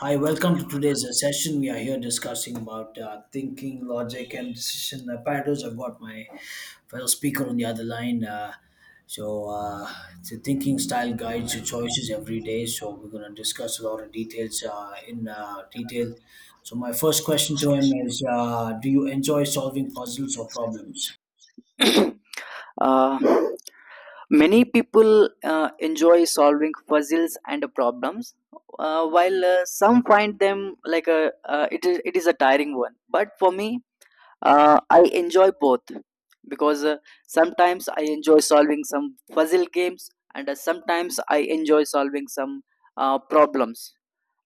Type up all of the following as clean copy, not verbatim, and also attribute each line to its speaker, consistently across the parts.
Speaker 1: Hi, welcome to today's session. We are here discussing about thinking, logic, and decision apparatus. I've got my fellow speaker on the other line. So, uh, the thinking style guides your choices every day. So, we're going to discuss a lot of details in detail. So, my first question to him is do you enjoy solving puzzles or problems?
Speaker 2: Uh, Many people enjoy solving puzzles and problems, while some find them like a it is a tiring one. But for me, I enjoy both because sometimes I enjoy solving some puzzle games, and sometimes I enjoy solving some problems,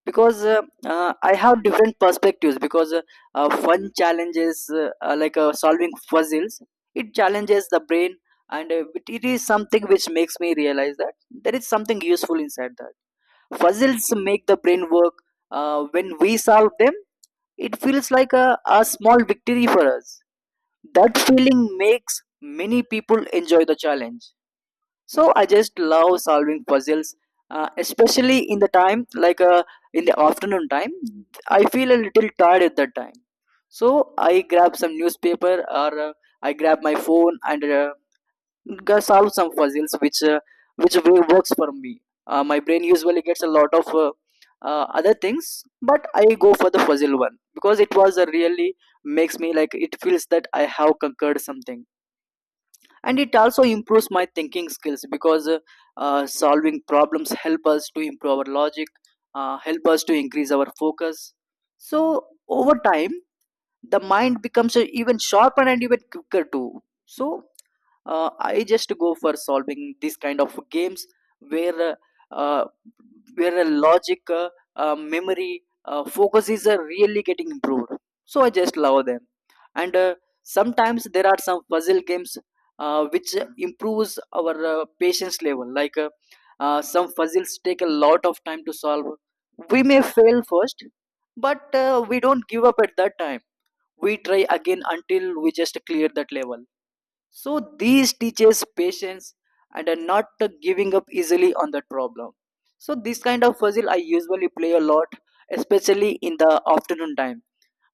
Speaker 2: because I have different perspectives. Because Fun challenges like solving puzzles, it challenges the brain, and it is something which makes me realize that there is something useful inside that. Puzzles make the brain work when we solve them. It feels like a small victory for us. That feeling makes many people enjoy the challenge. So I just love solving puzzles, especially in the time, like in the afternoon time. I feel a little tired at that time, so I grab some newspaper, or I grab my phone and go solve some puzzles, which way works for me. My brain usually gets a lot of other things, but I go for the puzzle one because it was a really makes me like, it feels that I have conquered something. And it also improves my thinking skills, because solving problems help us to improve our logic, help us to increase our focus. So over time the mind becomes even sharper and even quicker too. So I just go for solving these kind of games where uh, a logic, memory, focus is really getting improved. So I just love them. And sometimes there are some puzzle games, which improves our patience level. Like some puzzles take a lot of time to solve. We may fail first, but we don't give up at that time. We try again until we just clear that level. So these teaches patience and are not giving up easily on that problem. So this kind of puzzle I usually play a lot, especially in the afternoon time,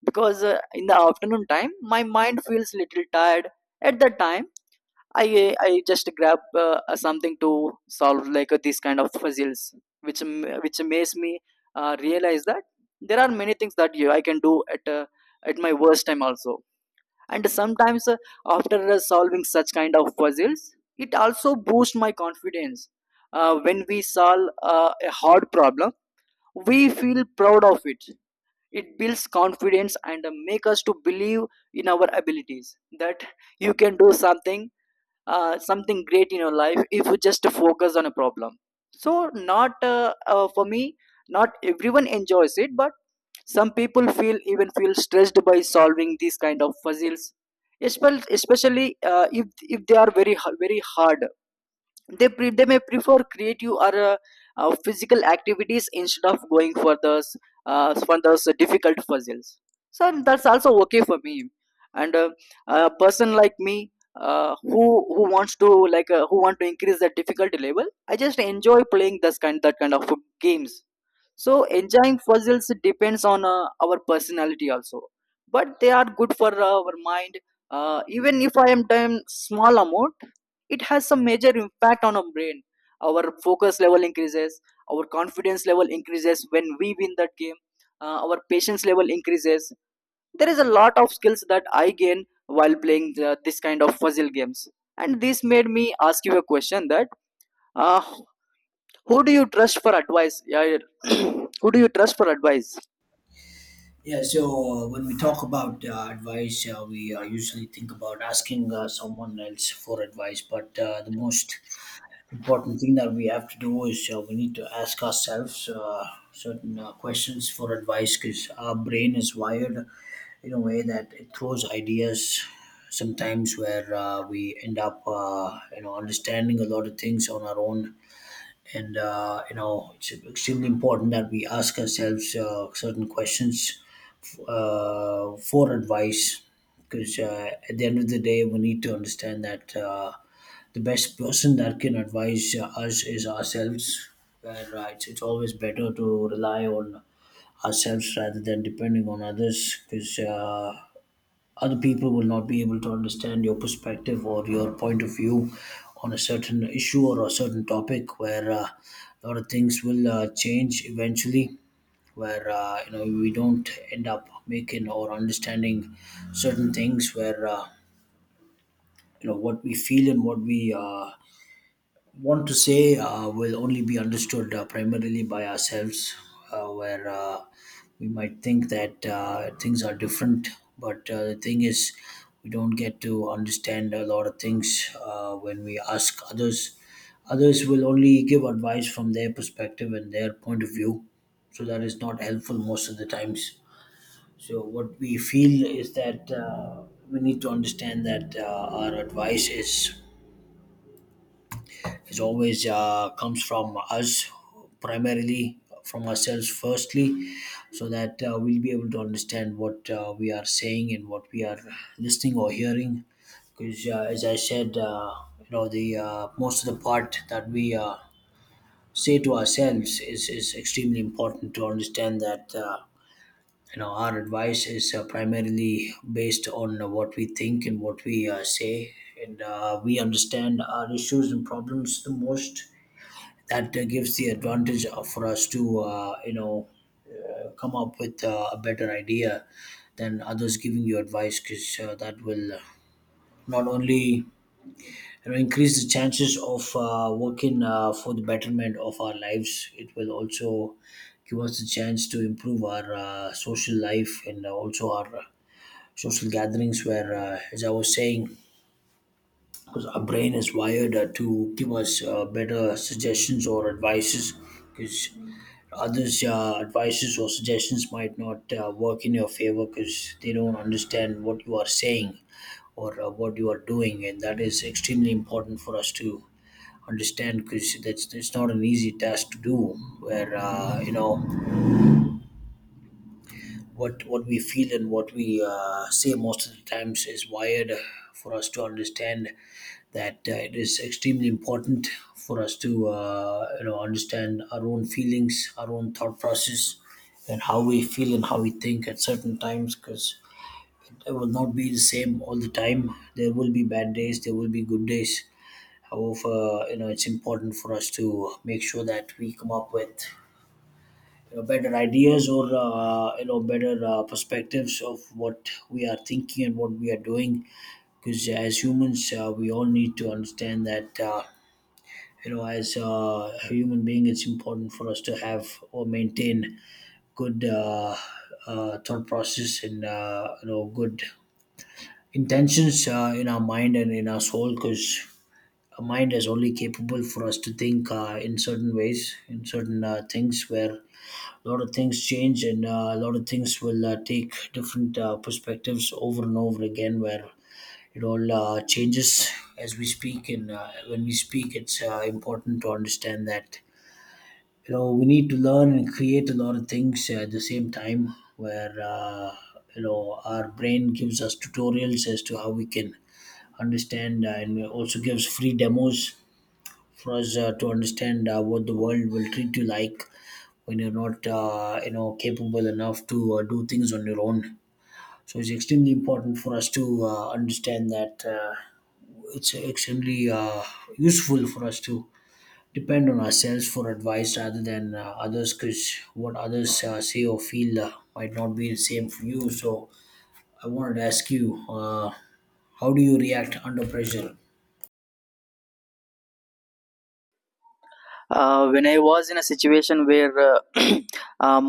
Speaker 2: because in the afternoon time my mind feels little tired. At that time i just grab uh, something to solve, like these kind of puzzles, which which makes me realize that there are many things that you I can do at my worst time also. And sometimes, after solving such kind of puzzles, it also boosts my confidence. When we solve a hard problem, we feel proud of it. It builds confidence and make us to believe in our abilities, that you can do something, something great in your life, if you just focus on a problem. So not for me, not everyone enjoys it, but some people feel even feel stressed by solving these kind of puzzles, especially if they are very hard. They may prefer creative or physical activities instead of going for those, for those difficult puzzles. So that's also okay for me. And a person like me, who wants to, like who want to increase the difficulty level, I just enjoy playing this kind of games. So enjoying puzzles depends on our personality also, but they are good for our mind. Even if I am done small amount, it has some major impact on our brain. Our focus level increases, our confidence level increases when we win that game. Our patience level increases. There is a lot of skills that I gain while playing this kind of puzzle games, and this made me ask you a question that. Uh, who do you trust for advice, yeah? Who do you trust for advice?
Speaker 1: Yeah, so when we talk about advice, we usually think about asking someone else for advice, but the most important thing that we have to do is we need to ask ourselves certain questions for advice because our brain is wired in a way that it throws ideas sometimes where we end up you know understanding a lot of things on our own and you know it's extremely important that we ask ourselves certain questions for advice because at the end of the day, we need to understand that the best person that can advise us is ourselves. Where it's always better to rely on ourselves rather than depending on others because other people will not be able to understand your perspective or your point of view on a certain issue or a certain topic where a lot of things will change eventually where you know we don't end up making or understanding certain things where you know what we feel and what we want to say will only be understood primarily by ourselves where we might think that things are different but the thing is we don't get to understand a lot of things when we ask others. Others will only give advice from their perspective and their point of view, so that is not helpful most of the times. So what we feel is that we need to understand that our advice is always comes from us primarily from ourselves firstly, so that we'll be able to understand what we are saying and what we are listening or hearing. Because as I said, you know the most of the part that we say to ourselves is extremely important to understand that. You know our advice is primarily based on what we think and what we say and we understand our issues and problems the most, that gives the advantage for us to you know come up with a better idea than others giving you advice, because that will not only you know, increase the chances of working for the betterment of our lives. It will also give us the chance to improve our social life and also our social gatherings where, as I was saying, because our brain is wired to give us better suggestions or advices, because others' advices or suggestions might not work in your favor because they don't understand what you are saying or what you are doing, and that is extremely important for us to understand because that's it's not an easy task to do. Where you know what we feel and what we say most of the times is wired for us to understand that it is extremely important for us to you know understand our own feelings, our own thought process, and how we feel and how we think at certain times, because it will not be the same all the time. There will be bad days, there will be good days. However, you know it's important for us to make sure that we come up with you know, better ideas or you know better perspectives of what we are thinking and what we are doing, because as humans we all need to understand that you know as a human being it's important for us to have or maintain good thought process and you know good intentions in our mind and in our soul, because our mind is only capable for us to think in certain ways in certain things where a lot of things change and a lot of things will take different perspectives over and over again, where it all changes as we speak. And when we speak it's important to understand that you know we need to learn and create a lot of things at the same time, where you know our brain gives us tutorials as to how we can understand and also gives free demos for us to understand what the world will treat you like when you're not you know capable enough to do things on your own. So it's extremely important for us to understand that it's extremely useful for us to depend on ourselves for advice rather than others, because what others say or feel might not be the same for you. So I wanted to ask you uh, how do you react under pressure?
Speaker 2: When I was in a situation where, um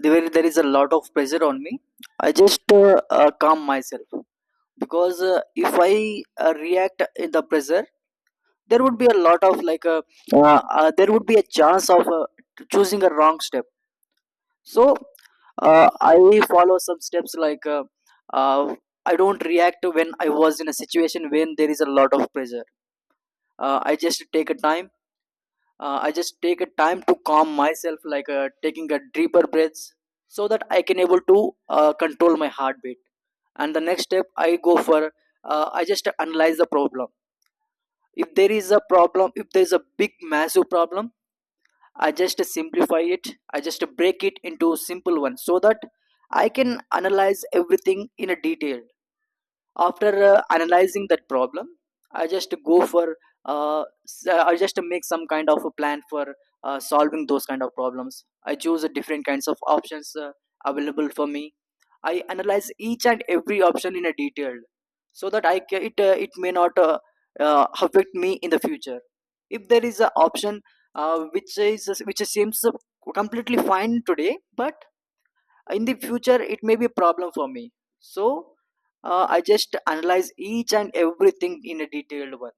Speaker 2: there, where there is a lot of pressure on me, I just calm myself, because if I react in the pressure, there would be a lot of, like there would be a chance of choosing a wrong step. So uh, I follow some steps, like uh, I don't react when I was in a situation when there is a lot of pressure. I just take a time, I just take a time to calm myself, like taking a deeper breaths, so that I can able to control my heartbeat. And the next step I go for, I just analyze the problem. If there is a problem, if there is a big massive problem, I just simplify it. I just break it into simple one, so that I can analyze everything in a detail. After analyzing that problem, I just go for uh, I just make some kind of a plan for solving those kind of problems. I choose the different kinds of options available for me. I analyze each and every option in a detail, so that it it may not affect me in the future. If there is an option, which is which seems completely fine today, but in the future it may be a problem for me. So I just analyze each and everything in a detailed one.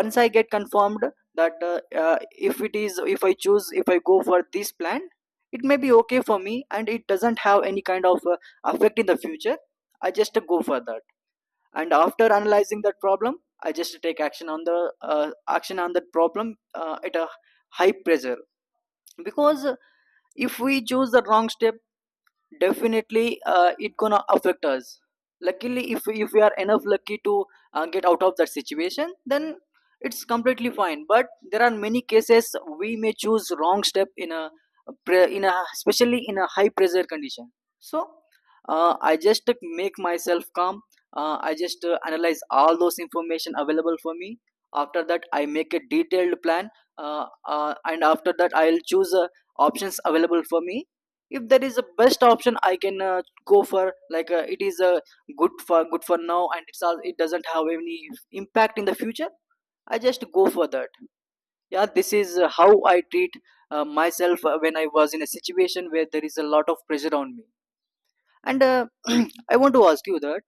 Speaker 2: Once I get confirmed that, if it is, if I choose, if I go for this plan, it may be okay for me and it doesn't have any kind of effect in the future, I just go for that. And after analyzing that problem, I just take action on the, action on that problem at a high pressure. Because if we choose the wrong step, definitely it gonna affect us. Luckily, if we are enough lucky to get out of that situation, then it's completely fine. But there are many cases we may choose wrong step in a especially in a high pressure condition. So I just make myself calm. I just analyze all those information available for me. After that I make a detailed plan, uh, and after that I'll choose options available for me. If there is a best option, I can go for, like it is good for now and it's all, it doesn't have any impact in the future, I just go for that. Yeah, this is how I treat myself when I was in a situation where there is a lot of pressure on me. And I want to ask you that,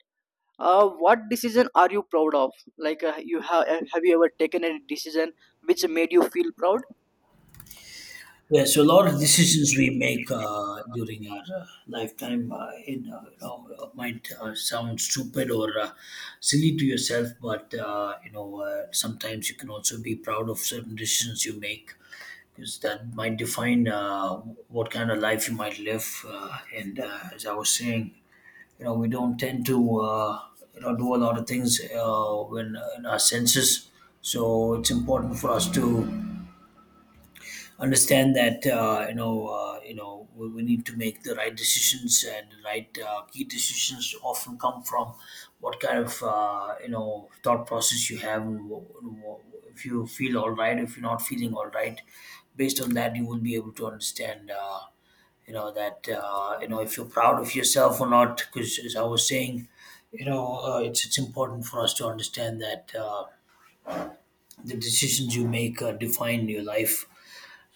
Speaker 2: what decision are you proud of? Like you have you ever taken a decision which made you feel proud?
Speaker 1: Yeah, so a lot of decisions we make during our lifetime, you know, might sound stupid or silly to yourself, but you know sometimes you can also be proud of certain decisions you make, because that might define what kind of life you might live. And as I was saying, you know we don't tend to you know do a lot of things when in our senses, so it's important for us to understand that you know we need to make the right decisions, and the right key decisions often come from what kind of you know thought process you have, and if you feel all right, if you're not feeling all right, based on that you will be able to understand you know that you know if you're proud of yourself or not, because as I was saying you know it's important for us to understand that the decisions you make define your life.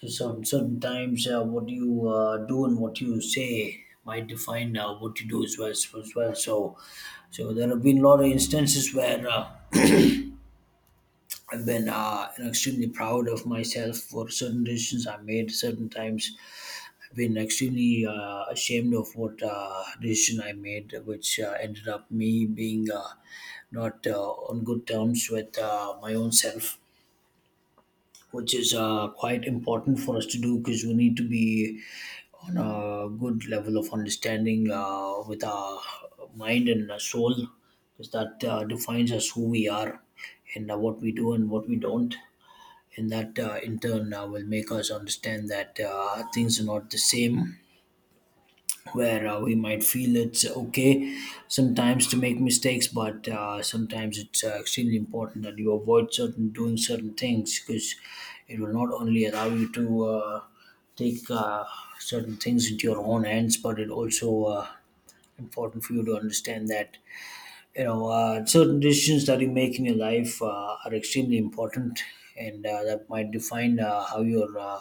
Speaker 1: So sometimes what you do and what you say might define what you do as well. As well. So there have been a lot of instances where I've been extremely proud of myself for certain decisions I made. Certain times I've been extremely ashamed of what decision I made, which ended up me being not on good terms with my own self, which is quite important for us to do, because we need to be on a good level of understanding with our mind and our soul, because that defines us who we are, and what we do and what we don't. And that in turn will make us understand that things are not the same, where we might feel it's okay sometimes to make mistakes, but sometimes it's extremely important that you avoid certain doing certain things, because it will not only allow you to take certain things into your own hands, but it also important for you to understand that you know certain decisions that you make in your life are extremely important, and that might define how your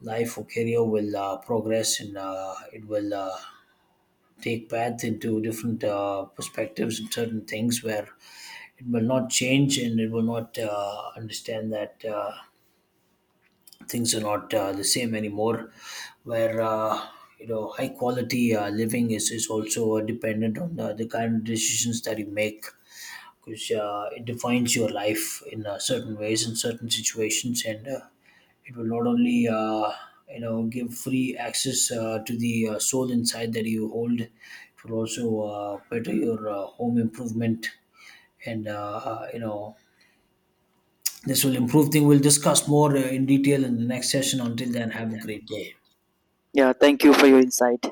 Speaker 1: life or career will progress and it will. Take path into different perspectives and certain things, where it will not change, and it will not understand that things are not the same anymore, where you know high quality living is also dependent on the kind of decisions that you make, because it defines your life in certain ways in certain situations. And it will not only you know give free access to the soul inside that you hold. It will also better your home improvement, and you know, this will improve thing. We'll discuss more in detail in the next session. Until then, have a great day.
Speaker 2: Yeah, thank you for your insight.